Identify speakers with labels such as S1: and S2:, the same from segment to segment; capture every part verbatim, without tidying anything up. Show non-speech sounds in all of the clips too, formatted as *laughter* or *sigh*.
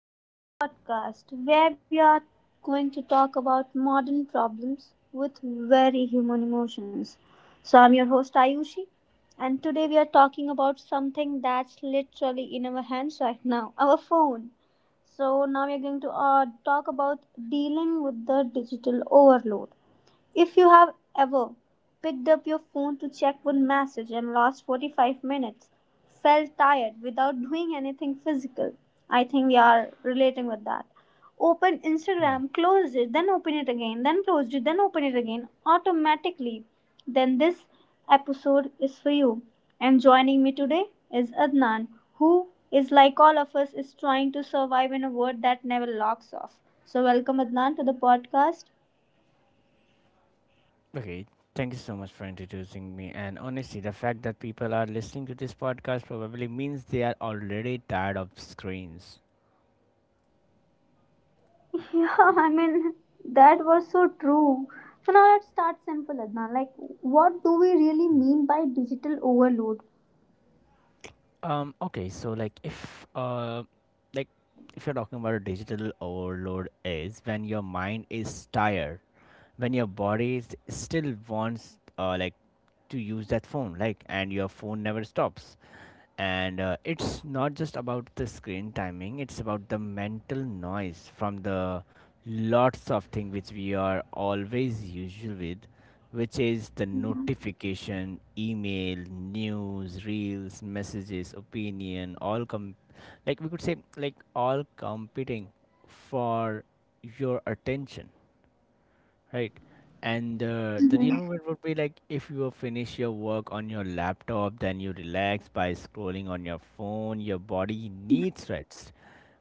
S1: back to the podcast where we are going to talk about modern problems with very human emotions. So, I'm your host Ayushi, and today we are talking about something that's literally in our hands right now, our phone. So, now we are going to uh, talk about dealing with the digital overload. If you have ever picked up your phone to check one message and lost forty-five minutes, felt tired without doing anything physical, I think we are relating with that. Open
S2: Mm.
S1: Instagram, closed it, then open it again, then closed it, then open it again automatically. Then this episode is for you. And joining me today is Adnan, who is like all of us is trying to survive in a world that never locks off. So welcome Adnan to the podcast.
S2: Okay, thank you so much for introducing me. And honestly, the fact that people are listening to this podcast probably means they are already tired of screens.
S1: *laughs* Yeah, I mean, that was so true. So now let's start simple, Adnan. Like, what do we really mean by digital overload?
S2: Um. Okay. So, like, if uh, like, if you're talking about a digital overload, is when your mind is tired, when your body is still wants uh like to use that phone, like, and your phone never stops. and uh, it's not just about the screen timing, it's about the mental noise from the lots of things which we are always usual with, which is the notification, email, news, reels, messages, opinion, all com- like we could say like all competing for your attention. Right. And uh, the renewal would be like if you finish your work on your laptop, then you relax by scrolling on your phone. Your body needs rest,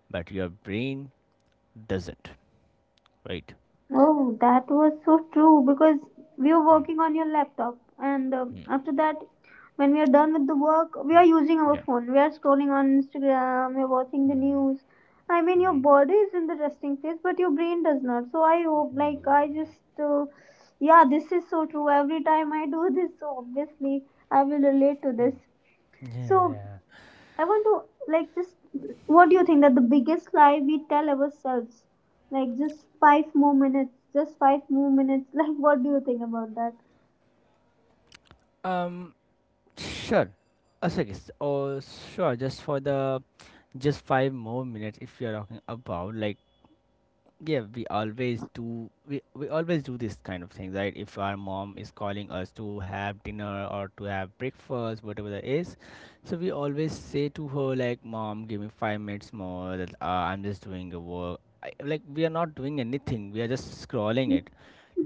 S2: but your brain doesn't. Right.
S1: Oh, that was so true because we were
S2: Mm,
S1: working on your laptop, and uh,
S2: mm,
S1: after that, when we are done with the work, we are
S2: mm.
S1: using our
S2: Yeah.
S1: phone. We are scrolling on Instagram, we are watching the
S2: Mm,
S1: news. I mean, your body is in the resting phase, but your brain does not. So I hope, like, I just, uh, yeah, this is so true. Every time I do this, so obviously I will relate to this.
S2: mm.
S1: So
S2: Yeah.
S1: I want to like just, what do you think that the biggest lie we tell ourselves? Like just five more minutes, just five more minutes. *laughs* Like what do you think about that?
S2: Um. Sure. A second. Oh, sure. Just for the Just five more minutes, if you're talking about like. Yeah, we always do we, we always do this kind of thing, right? If our mom is calling us to have dinner or to have breakfast, whatever that is, so we always say to her like, mom, give me five minutes more, that uh, I'm just doing a work I, like we are not doing anything, we are just scrolling it,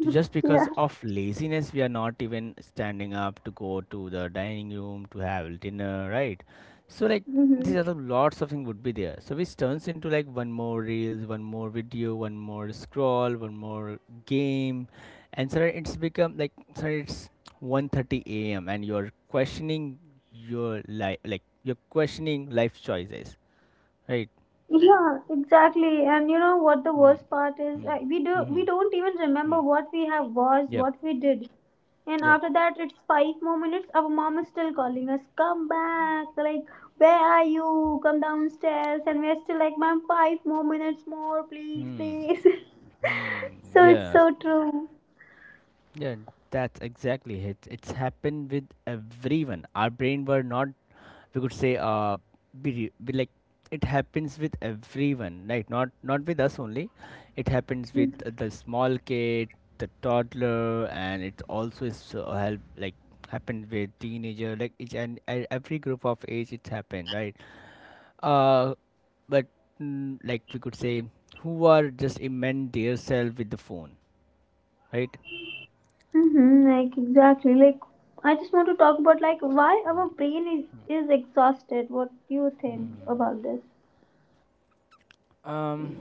S2: to just
S1: Yeah.
S2: because of laziness we are not even standing up to go to the dining room to have dinner, right? So like
S1: hmm
S2: these are the lots of things would be there, so which turns into like one more reels, one more video, one more scroll, one more game. And so it's become like, so it's one thirty a m and you're questioning your life, like you're questioning life choices, right?
S1: Yeah, exactly. And you know what the
S2: Mm.
S1: worst part is?
S2: Mm.
S1: Uh, we do we
S2: Mm-hmm.
S1: don't even remember
S2: Mm.
S1: what we have watched,
S2: Yep.
S1: what we did. And
S2: Yep.
S1: after that, it's five more minutes. Our mom is still calling us, come back. Like, where are you? Come downstairs. And we're still like, ma'am, five more minutes more, please,
S2: Hmm.
S1: please. *laughs*
S2: Hmm.
S1: So it's
S2: Yeah.
S1: so true.
S2: Yeah, that's exactly it. It's happened with everyone. Our brain were not, we could say, uh, be, re- be like, it happens with everyone, right? Not not with us only. It happens with uh, the small kid, the toddler, and it also is uh, help like happened with teenager, like each and e- every group of age. It's happened, right? Uh, but mm, like we could say, who are just immense their self with the phone, right?
S1: Mm-hmm, like exactly. Like I just want to talk about like why our brain is is exhausted. What do you think about this?
S2: Um,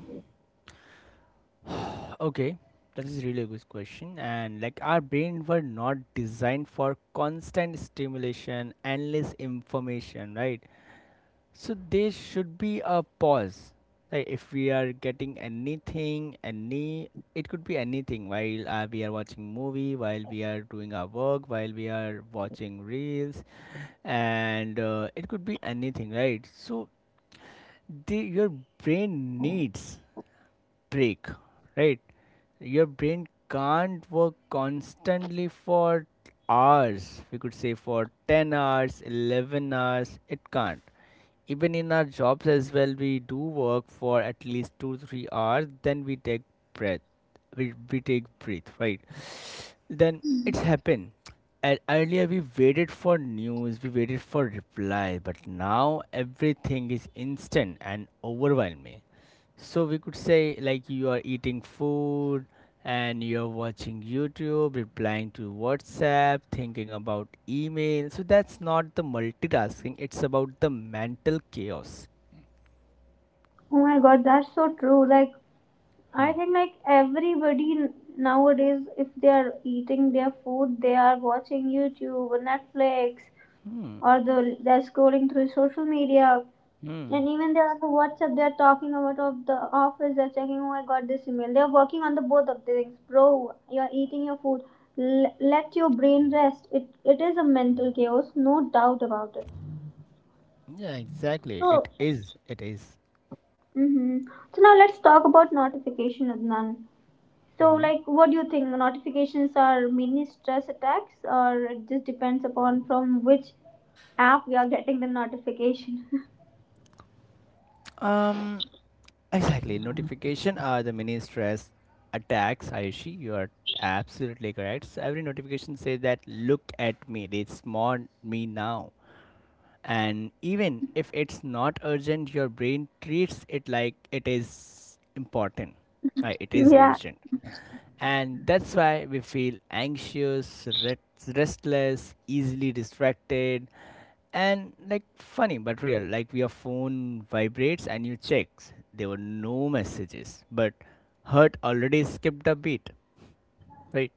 S2: Uh, Okay, that is really a good question. And like our brain were not designed for constant stimulation, endless information, right? So there should be a pause. Like if we are getting anything, any it could be anything while uh, we are watching movie, while we are doing our work, while we are watching reels, and uh, it could be anything, right? So the, your brain needs break, right? Your brain can't work constantly for hours. We could say for ten hours, eleven hours. It can't. Even in our jobs as well, we do work for at least two to three hours, then we take breath. We, we take breath, right? Then it's happened. And earlier we waited for news, we waited for reply, but now everything is instant and overwhelming. So we could say like you are eating food and you're watching YouTube, replying to WhatsApp, thinking about email. So that's not the multitasking, it's about the mental chaos.
S1: Oh my god, that's so true. Like I think like everybody n- nowadays, if they are eating their food, they are watching YouTube or Netflix,
S2: Hmm.
S1: or the they're scrolling through social media.
S2: Hmm.
S1: And even they're on the WhatsApp, they're talking about of the office, they're checking, oh, I got this email. They're working on the both of the things. Bro, you're eating your food. L- let your brain rest. It It is a mental chaos, no doubt about it.
S2: Yeah, exactly.
S1: So,
S2: It is. It is.
S1: mm-hmm, so now let's talk about notification, Adnan. So,
S2: Mhm.
S1: like, what do you think? Notifications are mini stress attacks, or it just depends upon from which app we are getting the notification? *laughs*
S2: Um, Exactly. Notification are the mini stress attacks, Ayushi. You are absolutely correct. So every notification says that look at me, they smart me now. And even if it's not urgent, your brain treats it like it is important. Like it is
S1: Yeah.
S2: urgent. And that's why we feel anxious, rest restless, easily distracted, and like funny but real. Like your phone vibrates and you check. There were no messages, but Hurt already skipped a beat, right?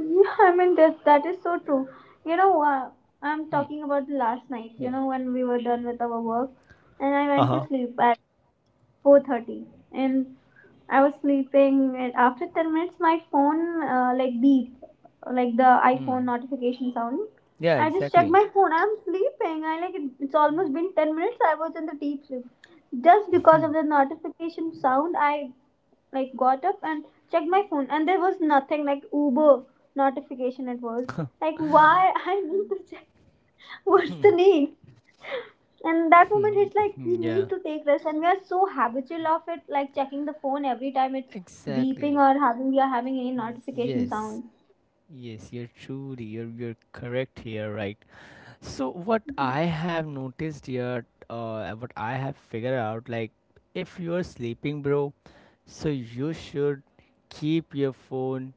S1: Yeah, I mean that that is so true. You know, uh, I'm talking about the last night. You know, when we were done with our work, and I
S2: Uh
S1: went to
S2: huh.
S1: sleep. four thirty, and I was sleeping, and after ten minutes my phone uh, like beep, like the iPhone
S2: Mm.
S1: notification sound.
S2: Yeah,
S1: I just checked
S2: exactly.
S1: my phone. I'm sleeping. I like it, it's almost been ten minutes I was in the deep sleep. Just because of the notification sound I like got up and checked my phone, and there was nothing, like Uber notification. It was like, why? *laughs* I need to check. What's the name? And that moment it's
S2: *laughs*
S1: like we need
S2: Yeah,
S1: to take rest and we are so habitual of it, like checking the phone every time it's beeping
S2: exactly.
S1: or having we are having any notification
S2: Yes,
S1: sound.
S2: yes, you're truly you're you're correct here, right? So what I have noticed here, uh, what I have figured out, like if you're sleeping, bro, so you should keep your phone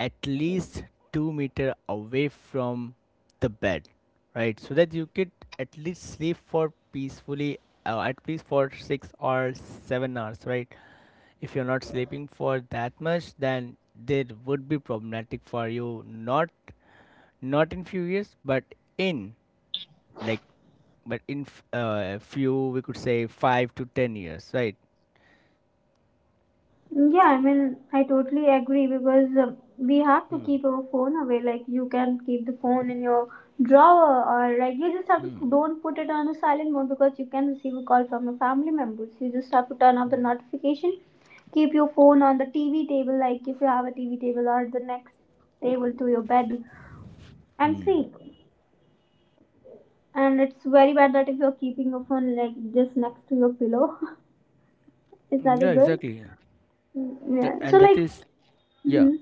S2: at least two meter away from the bed, right? So that you could at least sleep for peacefully, uh, at least for six or seven hours, right? If you're not sleeping for that much, then that would be problematic for you, not not in few years, but in like but in f- uh, few, we could say five to ten years, right?
S1: Yeah, I mean, I totally agree because um, we have to
S2: Hmm.
S1: keep our phone away. Like, you can keep the phone in your drawer, or like, you just have
S2: Hmm.
S1: to don't put it on a silent mode because you can receive a call from your family members. You just have to turn off the notification. Keep your phone on the T V table, like if you have a T V table, or the next table to your bed, and sleep. And it's very bad that if you're keeping your phone like this next to your pillow, *laughs* is that a
S2: Yeah,
S1: good?
S2: exactly.
S1: Mm,
S2: Th-
S1: yeah. So
S2: And that
S1: like,
S2: is, yeah,
S1: hmm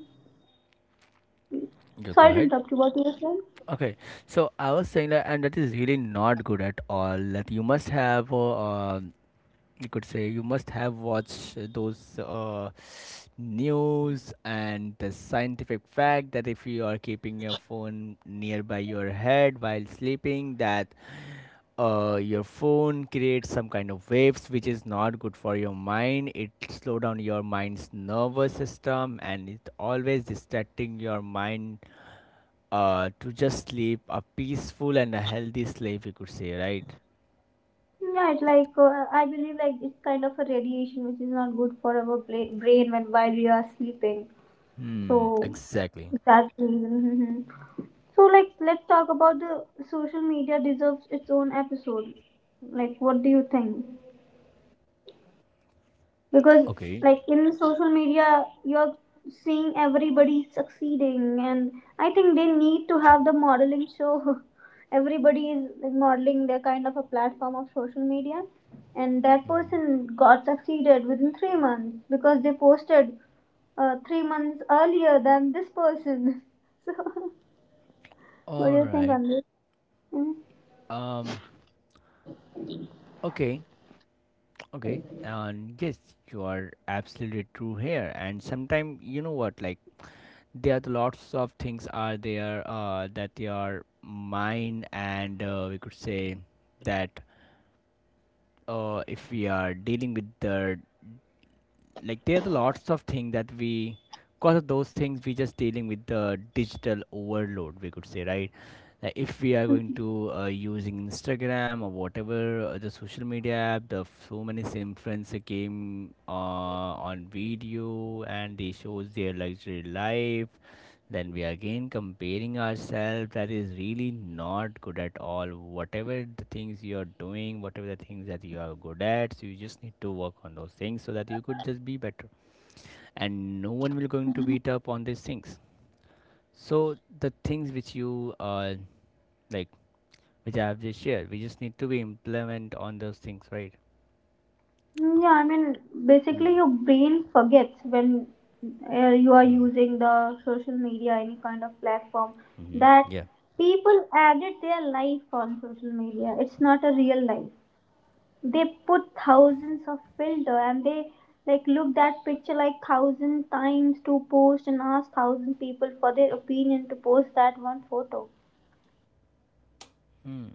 S2: Yeah, go
S1: sorry to
S2: ahead.
S1: interrupt you. What you were saying?
S2: Okay, so I was saying that, and that is really not good at all. That you must have, uh, um, you could say, you must have watched those uh, news and the scientific fact that if you are keeping your phone nearby your head while sleeping, that uh, your phone creates some kind of waves which is not good for your mind. It slow down your mind's nervous system and it always distracting your mind, uh, to just sleep a peaceful and a healthy sleep, you could say, right?
S1: Right, like uh, I believe like it's kind of a radiation which is not good for our bla- brain when while we are sleeping.
S2: Hmm,
S1: So
S2: exactly.
S1: that's the reason. Mhm. So like let's talk about the social media deserves its own episode. Like what do you think? Because
S2: Okay.
S1: like in social media you're seeing everybody succeeding, and I think they need to have the modeling show. *laughs* Everybody is like, modeling their kind of a platform of social media, and that person got succeeded within three months because they posted uh, three months earlier than this person. *laughs* So what
S2: All
S1: do you think
S2: right.
S1: on this?
S2: um okay Okay, and yes, you are absolutely true here. And sometimes, you know what, like there are lots of things are there uh, that they are mine, and uh, we could say that, uh, if we are dealing with the like there are lots of things that we, because of those things we just dealing with the digital overload, we could say, right? Like if we are going to uh, using Instagram or whatever uh, the social media app, the f- so many influencer came uh, on video and they shows their luxury life, then we are again comparing ourselves. That is really not good at all. Whatever the things you are doing, whatever the things that you are good at, so you just need to work on those things so that you could just be better, and no one will going to beat up on these things. So the things which you uh like which I have just shared, we just need to be implement on those things, right?
S1: Mm, yeah, I mean,
S2: Hmm.
S1: basically, your brain forgets when uh, you are using the social media, any kind of platform,
S2: Mm-hmm.
S1: that
S2: Yeah.
S1: people added their life on social media. It's not a real life. They put thousands of filter and they like look that picture like thousand times to post and ask thousand people for their opinion to post that one photo.
S2: Hmm,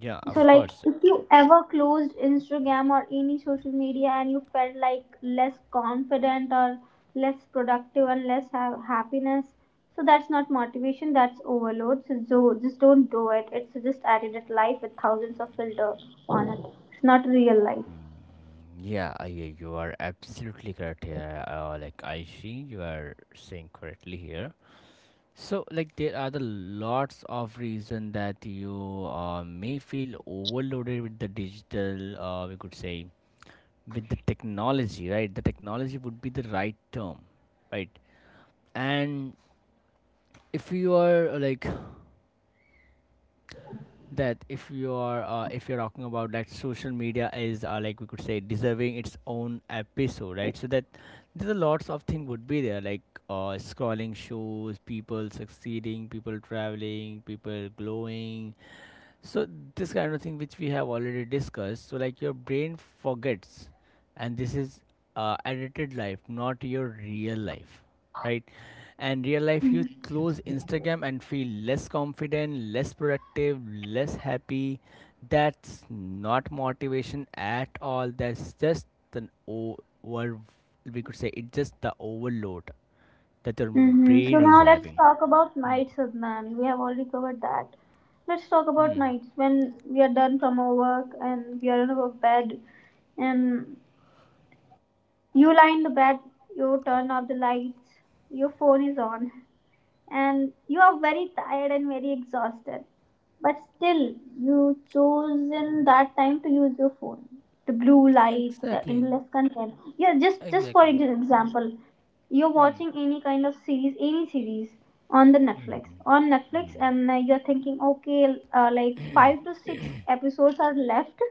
S2: yeah,
S1: So,
S2: of
S1: like,
S2: course.
S1: if you ever closed Instagram or any social media and you felt like less confident or less productive and less ha- happiness, so that's not motivation, that's overload. So, so just don't do it. It's just edited life with thousands of filter on it. It's not real life.
S2: Yeah, I, yeah, you are absolutely correct here. Uh, like I see you are saying correctly here. So like there are the lots of reason that you uh, may feel overloaded with the digital, uh, we could say, with the technology, right? The technology would be the right term, right? And if you are uh, like that if you are uh, if you're talking about that social media is uh, like we could say deserving its own episode, right? So that there's a lots of thing would be there like, uh, scrolling shows people succeeding, people traveling, people glowing. So this kind of thing which we have already discussed. So like your brain forgets, and this is uh, edited life, not your real life, right? And real life, you close Instagram and feel less confident, less productive, less happy. That's not motivation at all. That's just an over. We could say it's just the overload that your
S1: Hmm So
S2: brain is
S1: now let's
S2: having.
S1: talk about
S2: Hmm.
S1: nights, Adnan. We have already covered that. Let's talk about
S2: Hmm.
S1: nights when we are done from our work and we are in our bed, and you lie in the bed, you turn off the lights, your phone is on and you are very tired and very exhausted, but still you chose in that time to use your phone, the blue light, the
S2: Exactly,
S1: endless content. Yeah, just just for ex-
S2: exactly.
S1: example, you're
S2: Hmm.
S1: watching any kind of series, any series on the
S2: Mm,
S1: Netflix, on Netflix,
S2: mm,
S1: and uh, you're thinking, okay, uh, like five to six episodes are left,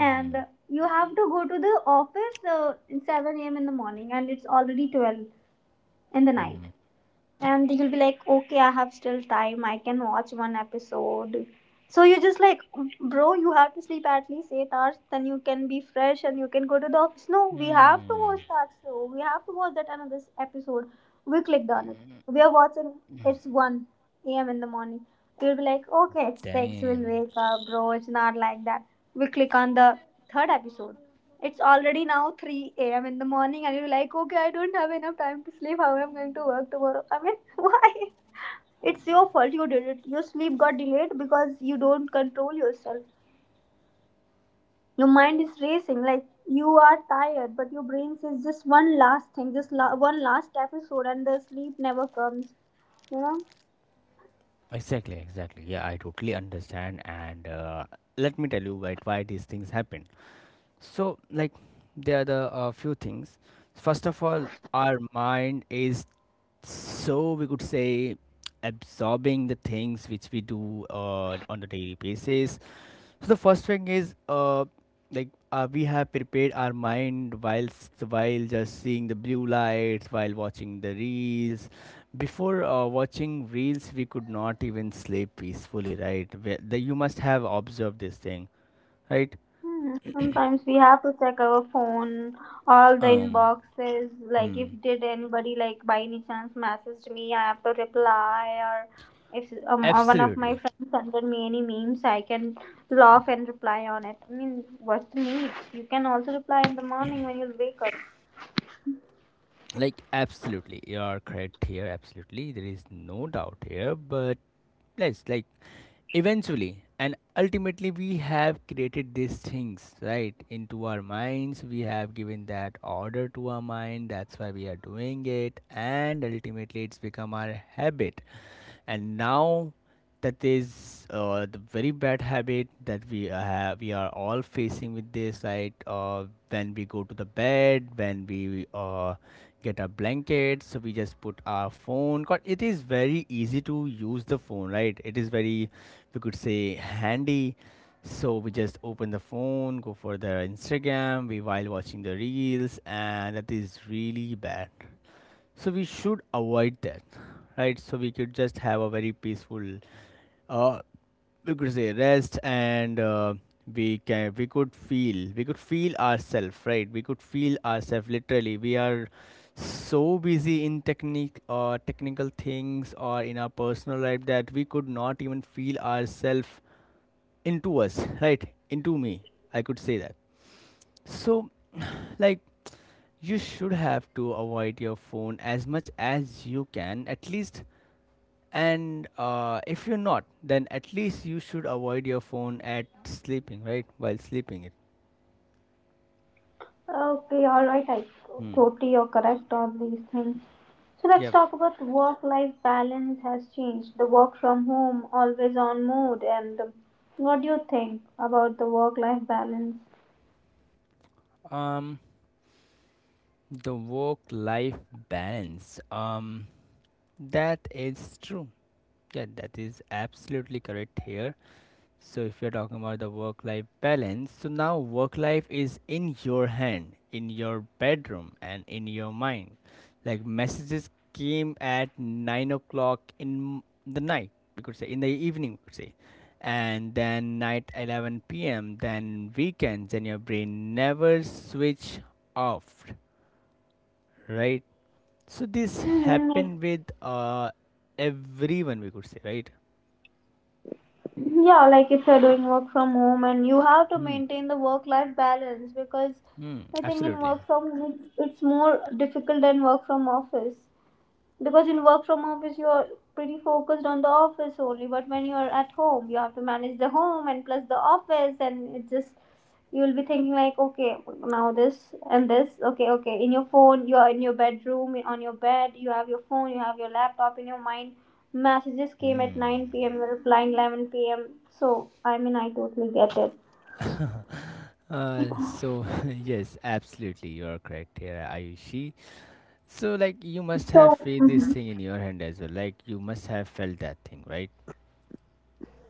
S1: and uh, you have to go to the office uh, in seven a m in the morning and it's already twelve in the night,
S2: mm,
S1: and you'll be like, okay, I have still time, I can watch one episode. So you're just like, bro, you have to sleep at least eight hours then you can be fresh and you can go to the office. No, we have to
S2: mm.
S1: watch that show, we have to watch that another episode. We clicked on it. We are watching. It's one a m in the morning. You'll be like, okay, it's six, we'll
S2: Damn.
S1: wake up. Bro, it's not like that. We click on the third episode. It's already now three a m in the morning, and you're like, okay, I don't have enough time to sleep. How am I going to work tomorrow? I mean, *laughs* why? It's your fault you did it. Your sleep got delayed because you don't control yourself. Your mind is racing, like you are tired, but your brain says just one last thing, just la- one last episode, and the sleep never comes. You know?
S2: Exactly, exactly. Yeah, I totally understand. And uh, Let me tell you why, why these things happen. So, like, there are the uh, few things. First of all, our mind is, so we could say, absorbing the things which we do uh, on a daily basis. So the first thing is, uh, like uh, we have prepared our mind whilst while just seeing the blue lights, while watching the reels. Before uh, watching reels, we could not even sleep peacefully, right? Where- The, you must have observed this thing, right?
S1: Hmm. Sometimes we have to check our phone, all the
S2: Um.
S1: inboxes. Like, if
S2: hmm.
S1: did anybody like by any chance messaged me, I have to reply. Or if um uh, one of my
S2: Absolutely.
S1: friends sent me any memes, I can laugh and reply on it. I mean, what's the need? You can also reply in the morning when you wake up.
S2: Like, absolutely. You are correct here. Absolutely. There is no doubt here. But let's, like, eventually and ultimately, we have created these things, right, into our minds. We have given that order to our mind. That's why we are doing it. And ultimately, it's become our habit. And now that is uh, the very bad habit that we uh, have we are all facing with this, right? Uh, when we go to the bed, when we uh, get a blanket, so we just put our phone, 'cause it is very easy to use the phone, right? It is very, we could say, handy. So we just open the phone, go for the Instagram, we while watching the reels, and that is really bad. So we should avoid that, right? So we could just have a very peaceful, uh, we could say rest, and uh, we can we could feel we could feel ourselves, right? We could feel ourselves literally. We are so busy in technique or technical things or in our personal life that we could not even feel ourselves into us, right? Into me, I could say that. So, *sighs* like, you should have to avoid your phone as much as you can, at least, and uh, if you're not, then at least you should avoid your phone at sleeping, right, while sleeping it.
S1: Okay, alright, I
S2: Hmm.
S1: totally, you're correct on these things. So let's
S2: Yep.
S1: talk about work life balance has changed. The work from home, always on mode, and um, what do you think about the work life balance?
S2: um the work life balance, um that is true. Yeah, that is absolutely correct here. So if you're talking about the work life balance, so now work life is in your hand, in your bedroom and in your mind. Like, messages came at nine o'clock in the night, we could say, in the evening, we could say. And then night eleven p m, then weekends, and your brain never switch off, right? So this
S1: Hmm like,
S2: happened with uh everyone, we could say, right?
S1: yeah, like if you're doing work from home and you have to
S2: Hmm.
S1: maintain the work life balance, because
S2: Hmm.
S1: I think in
S2: Absolutely.
S1: work from home it's, it's more difficult than work from office. Because in work from office you're pretty focused on the office only, but when you're at home you have to manage the home and plus the office, and it just, you'll be thinking like, okay, now this and this, okay, okay, in your phone, you're in your bedroom on your bed, you have your phone, you have your laptop, in your mind messages came at nine p m,
S2: Hmm.
S1: you're replying eleven p m, so I mean I totally get it.
S2: Uh, so *laughs* yes, absolutely, you are correct here, Ayushi. So, like, you must have
S1: So,
S2: feel this
S1: mhm,
S2: thing in your hand as well. Like, you must have felt that thing, right?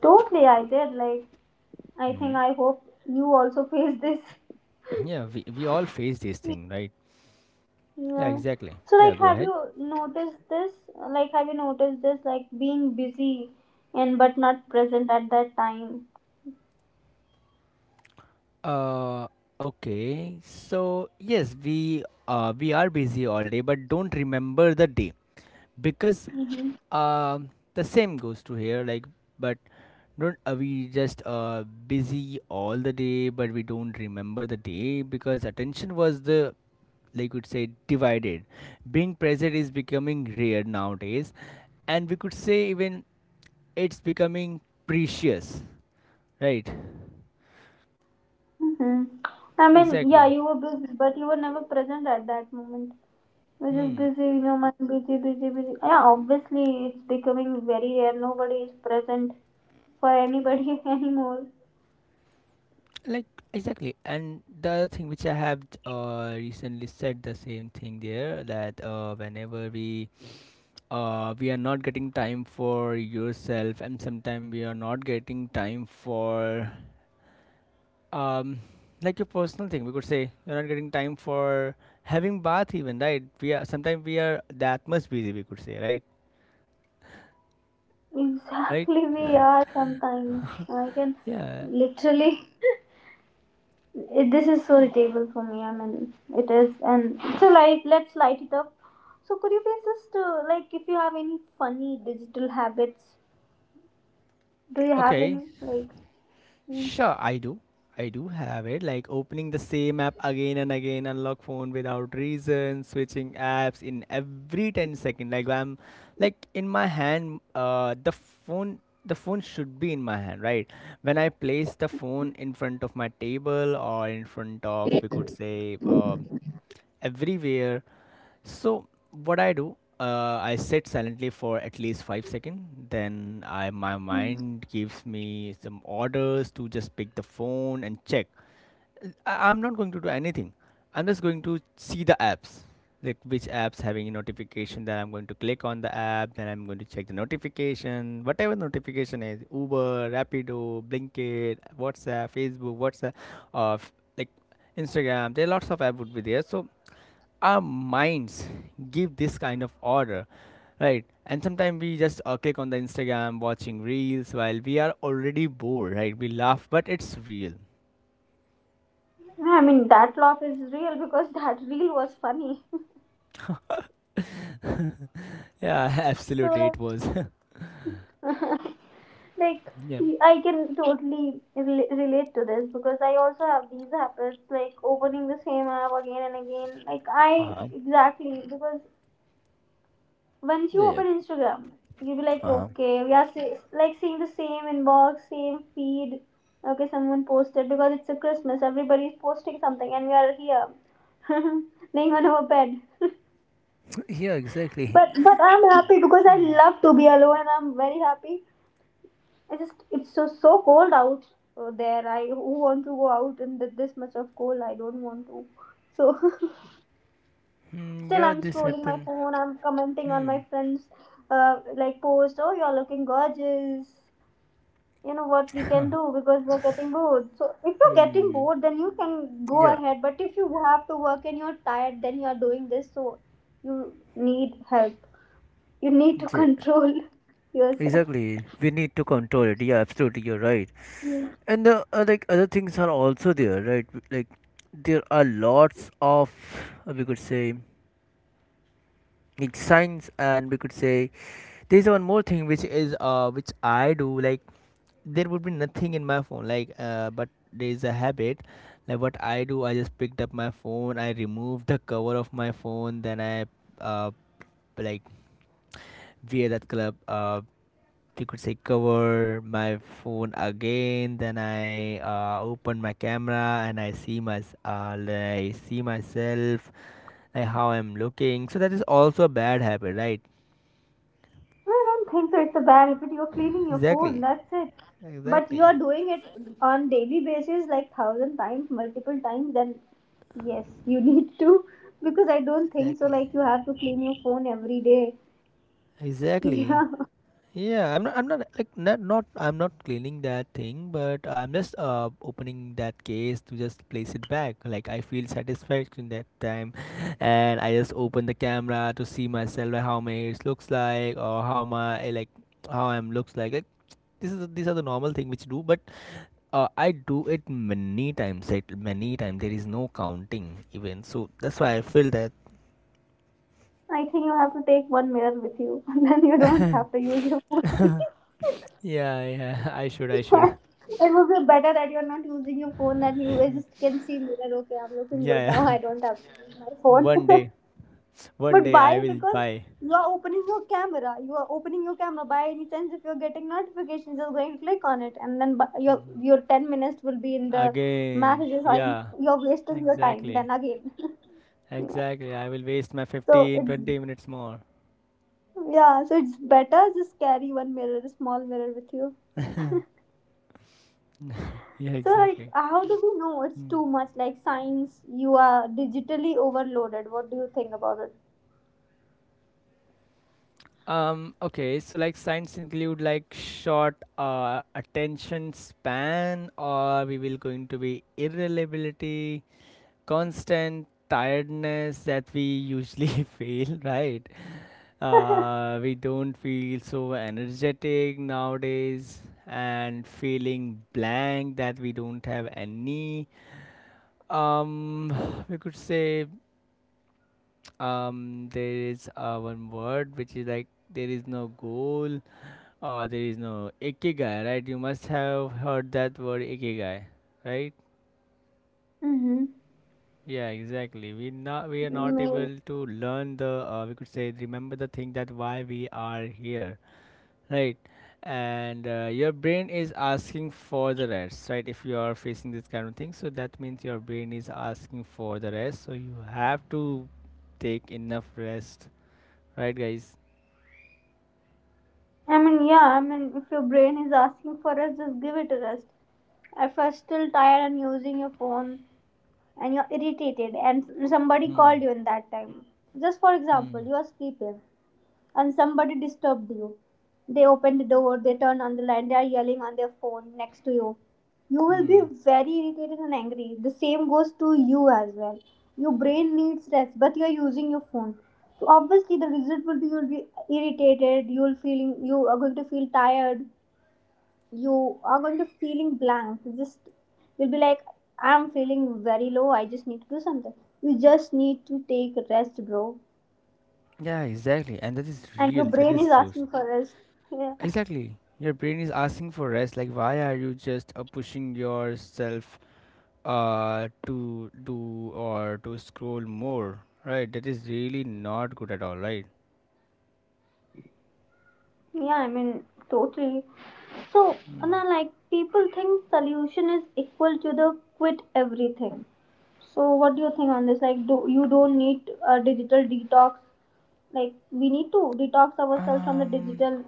S1: totally I did, like, I think
S2: Mm-hmm.
S1: I hope you also *laughs* face this.
S2: Yeah, we we all face this thing, right? Yeah,
S1: Yeah.
S2: exactly.
S1: So,
S2: Yeah,
S1: like,
S2: go
S1: have
S2: ahead.
S1: you noticed this? Like, have you noticed this? Like, being busy and but not present at that time.
S2: Uh, okay. So yes, we uh we are busy all day, but don't remember the day because Um, the same goes to here, like, but don't, uh, we just uh busy all the day, but we don't remember the day because attention was the, like, we'd say, divided. Being present is becoming rare nowadays, and we could say even it's becoming precious, right?
S1: Hmm I mean, yeah,
S2: Exactly.
S1: you were busy, but you were never present at that moment. You were just
S2: Hmm.
S1: busy in your mind, busy, busy, busy. Yeah, obviously, it's becoming very rare. Nobody is present for anybody *laughs* anymore.
S2: Like, exactly. And the other thing which I have uh recently said the same thing there, that uh whenever we, uh, we are not getting time for yourself, and sometimes we are not getting time for, um like, your personal thing, we could say, you're not getting time for having bath even, right? We are sometimes, we are that much busy, we could say, right. Right.
S1: Exactly, we are sometimes. I can
S2: Yeah.
S1: literally. It, this is so irritable for me. I mean, it is, and so light. Let's light it up. So could you please just uh, like if you have any funny digital habits? Do you have
S2: Okay.
S1: any like? mm,
S2: Sure, I do. I do have it. Like, opening the same app again and again, unlock phone without reason, switching apps in every ten second. Like, I'm, like, in my hand, uh, the phone, the phone should be in my hand, right? When I place the phone in front of my table, or in front of, we could say, uh, everywhere, so what I do, uh, I sit silently for at least five seconds. Then I my mind gives me some orders to just pick the phone and check. I, I'm not going to do anything. I'm just going to see the apps, like, which apps having a notification. Then I'm going to click on the app. Then I'm going to check the notification, whatever notification is Uber, Rapido, Blinkit, WhatsApp, Facebook, WhatsApp, uh, f- like, Instagram. There are lots of app would be there. So our minds give this kind of order, right? And sometimes we just, uh, click on the Instagram, watching reels while we are already bored, right? We laugh, but it's real.
S1: I mean, that laugh is real because that reel was funny. *laughs*
S2: Yeah, *laughs* absolutely,
S1: So
S2: it was.
S1: like,
S2: *laughs* Yeah.
S1: like I can totally rela- relate to this because I also have these habits like opening the same app again and again. Like I
S2: Uh-huh.
S1: exactly because once you
S2: Yeah.
S1: open Instagram, you'll be like,
S2: Uh-huh.
S1: okay, we are see- like seeing the same inbox, same feed. Okay, someone posted because it's a Christmas, everybody's posting something, and we are here, *laughs* laying on our bed. *laughs*
S2: Yeah, exactly.
S1: But but I'm happy because I
S2: Hmm.
S1: love to be alone, and I'm very happy. I just it's so so cold out uh, there. I who want to go out in th- this much of cold? I don't want to. So *laughs*
S2: Hmm,
S1: still
S2: yeah,
S1: I'm
S2: this
S1: scrolling my
S2: happened.
S1: phone, I'm commenting on
S2: Hmm.
S1: my friends uh, like post, oh, you're looking gorgeous. You know what we can do? Because we're getting bored, so if you're getting
S2: Hmm.
S1: bored, then you can go
S2: Yeah.
S1: ahead. But if you have to work and you're tired, then you're doing this, so you need help, you need to
S2: Yeah,
S1: control *laughs* yourself.
S2: exactly, we need to control it. Yeah, absolutely, you're right. And the, uh, like, other things are also there, right? Like, there are lots of, uh, we could say, like, signs, and we could say there's one more thing which is uh which I do. Like, there would be nothing in my phone, like, uh but there is a habit. Like, what I do, I just picked up my phone, I remove the cover of my phone, then I, uh like, wear that color, uh you could say, cover my phone again. Then I, uh, open my camera, and I see my, uh, I see myself, like how I'm looking. So that is also a bad habit, right?
S1: Well, I don't think so. It's a bad habit. You're cleaning your phone.
S2: Exactly.
S1: That's it. But
S2: Exactly.
S1: you're doing it on daily basis, like thousand times, multiple times. Then yes, you *laughs* need to, because I don't think so.
S2: Exactly.
S1: Like you have to clean your phone every day. *laughs*
S2: Exactly.
S1: Yeah,
S2: Yeah, I'm not, I'm not like, not, not I'm not cleaning that thing, but I'm just uh opening that case to just place it back. Like, I feel satisfaction that time, and I just open the camera to see myself, like, how my ears looks like, or how my eh, like, how I'm looks like. Like, this is these are the normal thing which do, but, uh, I do it many times. It many times there is no counting even, so that's why I feel that.
S1: I think you have to take one mirror with you, *laughs* and then you don't have to use your phone. *laughs*
S2: Yeah, yeah. *laughs* I should, I should. *laughs*
S1: It would be better that you're not using your phone. That you just can see mirror. Okay, I'm looking good
S2: Yeah,
S1: now.
S2: yeah.
S1: I don't have to use my
S2: *laughs*
S1: phone. *laughs*
S2: One day, one
S1: But
S2: day I
S1: why?
S2: will
S1: Because
S2: buy.
S1: you are opening your camera. You are opening your camera. By any chance, if you're getting notifications, you're going to click on it, and then bu- your your ten minutes will be in the
S2: Again,
S1: messages. And
S2: yeah,
S1: You're wasting your time.
S2: exactly,
S1: Then again, *laughs* yeah.
S2: exactly. I will waste my
S1: so
S2: fifteen,
S1: it's
S2: twenty minutes more.
S1: yeah. So it's better just carry one mirror, a small mirror with you.
S2: *laughs* Yeah,
S1: So like,
S2: exactly.
S1: how do we know it's
S2: Hmm.
S1: too much? Like science, you are digitally overloaded. What do you think about it?
S2: Um, okay, so, like, signs include, like, short, uh, attention span, or we will going to be irreliability, constant tiredness that we usually *laughs* feel, right? Uh, we don't feel so energetic nowadays, and feeling blank that we don't have any, um *sighs* we could say, um there is, uh, one word which is like, there is no goal, or there is no ikigai, right? You must have heard that word ikigai, right?
S1: Mm-hmm.
S2: Yeah, exactly, we not we are not able to learn the, uh, we could say, remember the thing that why we are here, right? And, uh, your brain is asking for the rest, right? If you are facing this kind of thing, so that means your brain is asking for the rest, so you have to take enough rest, right, guys?
S1: I mean, yeah, I mean, if your brain is asking for rest, just give it a rest. If you're still tired and using your phone and you're irritated and somebody
S2: Hmm.
S1: called you in that time, just for
S2: Hmm.
S1: example, you're sleeping and somebody disturbed you. They open the door, they turn on the light, they are yelling on their phone next to you. You will be
S2: Hmm.
S1: very irritated and angry. The same goes to you as well. Your brain needs rest, but you are using your phone. So obviously, the result will be you will be irritated. You will feeling you are going to feel tired. You are going to feeling blank. Just you'll be like, I'm feeling very low. I just need to do something. You just need to take rest, bro.
S2: Yeah, exactly, and that is
S1: And your
S2: real, that
S1: brain
S2: is
S1: is
S2: so s-.
S1: asking for rest. *laughs* Yeah.
S2: Exactly, your brain is asking for rest, like, why are you just, uh, pushing yourself, uh to do, or to scroll more, right? That is really not good at all, right?
S1: Yeah, I mean, totally. So, Anna, like, people think solution is equal to the quit everything. So, what do you think on this? Like, do you don't need a digital detox? Like, we need to detox ourselves from the
S2: Um,
S1: digital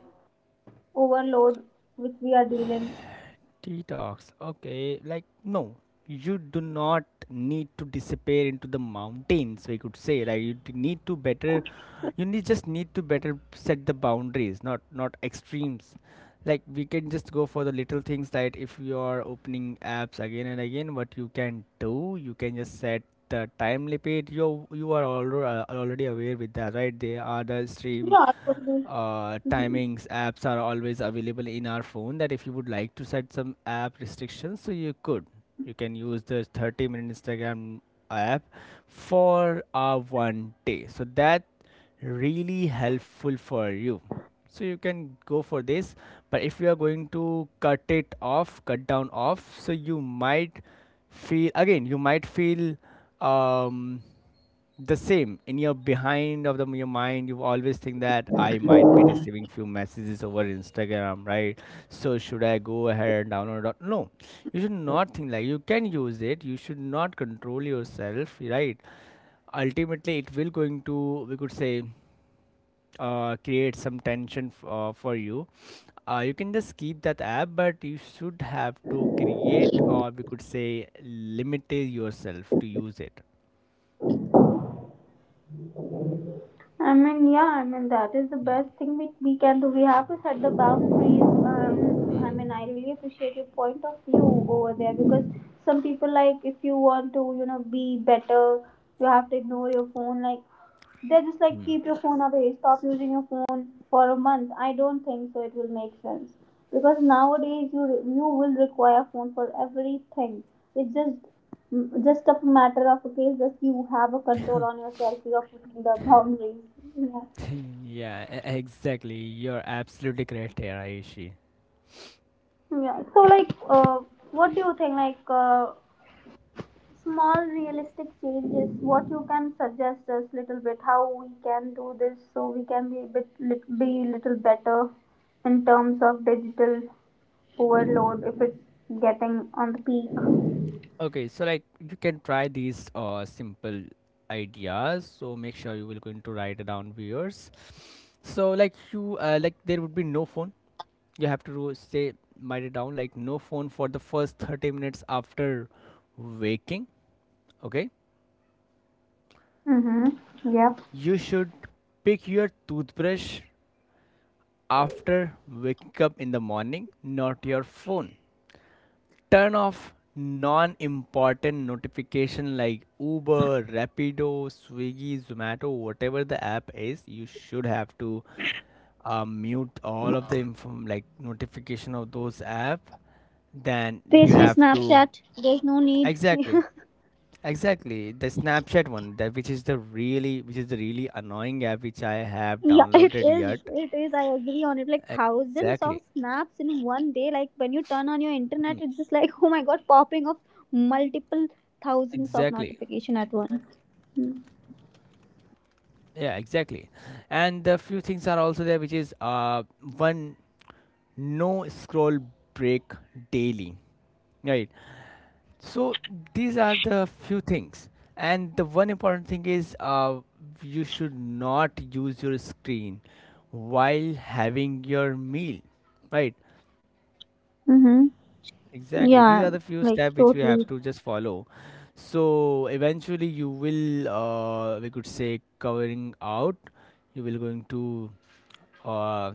S1: overload which we are dealing.
S2: Detox. Okay, like, no, you do not need to disappear into the mountains. We could say, like, you d- need to better. You need, just need to better set the boundaries, not not extremes. Like, we can just go for the little things that if you are opening apps again and again, what you can do, you can just set the time limit. You you are already already aware with that, right? They are the stream,
S1: Yeah, totally.
S2: uh, timings apps are always available in our phone, that if you would like to set some app restrictions, so you could you can use the thirty minute Instagram app for, uh, one day, so that really helpful for you, so you can go for this. But if you are going to cut it off, cut down off, so you might feel again, you might feel, um the same in your behind of the your mind. You always think that I might be receiving few messages over Instagram, right? So should I go ahead and download, or no? You should not think, like, you can use it, you should not control yourself, right? Ultimately it will going to, we could say, uh, create some tension, f- uh, for you. Uh, you can just keep that app, but you should have to create, or we could say, limit yourself to use it.
S1: I mean, yeah, I mean, that is the
S2: Hmm.
S1: best thing we, we can do. We have to set the boundaries. Um, I
S2: Hmm.
S1: mean, I really appreciate your point of view over there because some people, like, if you want to, you know, be better, you have to ignore your phone. Like, they just like
S2: Hmm.
S1: keep your phone away, stop using your phone for a month. I don't think so. It will make sense because nowadays you you will require phone for everything. It's just just a matter of a case. Just you have a control on yourself, you are putting the boundaries. Yeah,
S2: Yeah, e- exactly. You're absolutely correct here, Aishi.
S1: yeah. So like uh, what do you think, like uh, small realistic changes what you can suggest us, little bit how we can do this so we can be a bit lit- be little better in terms of digital overload if it's getting on the peak.
S2: Okay, so, like, you can try these, uh, simple ideas. So make sure you will going to write it down, viewers. So, like, you, uh, like, there would be no phone. You have to ro- say, write it down, like, no phone for the first thirty minutes after waking. Okay,
S1: Mm-hmm. Yeah,
S2: you should pick your toothbrush after waking up in the morning, not your phone. Turn off non-important notification like Uber, Rapido, Swiggy, Zomato, whatever the app is. You should have to, uh, mute all of the inform like notification of those app, then
S1: space
S2: you
S1: free
S2: have to.
S1: Snapchat, there's no need. *laughs*
S2: Exactly. Exactly, the Snapchat one, that, which is the really which is the really annoying app which I have
S1: Yeah, *laughs* it
S2: downloaded
S1: is.
S2: yet.
S1: It is. I agree on it. Like thousands of
S2: Exactly.
S1: snaps in one day. Like when you turn on your internet, it's just like, *laughs* oh my god, popping of multiple thousands of
S2: Exactly.
S1: notification at once.
S2: Yeah, exactly. And the few things are also there which is, uh one, no scroll break daily, right? So these are the few things. And the one important thing is, uh, you should not use your screen while having your meal, right?
S1: Mm-hmm.
S2: Exactly, these
S1: Yeah,
S2: are the few
S1: like
S2: steps which you have
S1: totally.
S2: to just follow, so eventually you will, uh, we could say, covering out, you will going to, uh,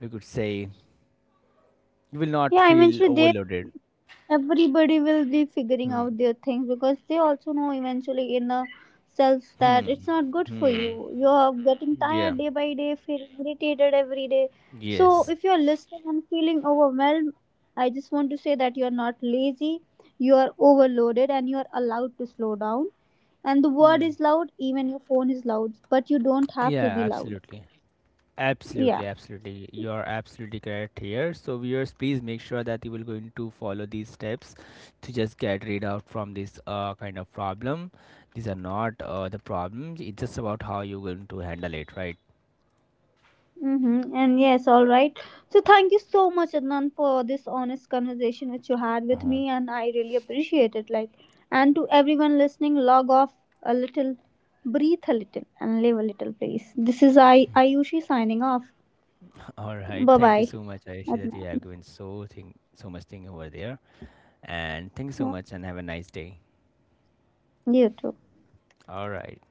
S2: we could say, you will not
S1: Yeah,
S2: feel
S1: eventually they.
S2: overloaded.
S1: Everybody will be figuring
S2: Hmm.
S1: out their things because they also know eventually in the selves that it's not good for you, you're getting
S2: Yeah.
S1: tired day by day, feeling irritated every day. So
S2: Yes.
S1: if you're listening and feeling overwhelmed, I just want to say that you're not lazy, you are overloaded, and you're allowed to slow down. And the world
S2: Hmm.
S1: is loud, even your phone is loud, but you don't have to
S2: Yeah,
S1: be loud.
S2: absolutely.
S1: Yeah.
S2: Absolutely, absolutely. You're absolutely correct here. So, viewers, please make sure that you will going to follow these steps to just get rid out from this, uh, kind of problem. These are not, uh, the problems. It's just about how you're going to handle it, right?
S1: Mm-hmm. And yes, all right. So thank you so much, Adnan, for this honest conversation which you had with
S2: Uh-huh.
S1: me, and I really appreciate it. Like, and to everyone listening, log off a little, breathe a little, and live a little, please. This is I Ayushi signing off.
S2: *laughs* All right.
S1: Bye
S2: Thank you
S1: bye,
S2: so much, Ayushi, that you
S1: Adnan.
S2: have given so thing so much thing over there. And thank you so
S1: Yeah.
S2: much, and have a nice day.
S1: You too.
S2: All right.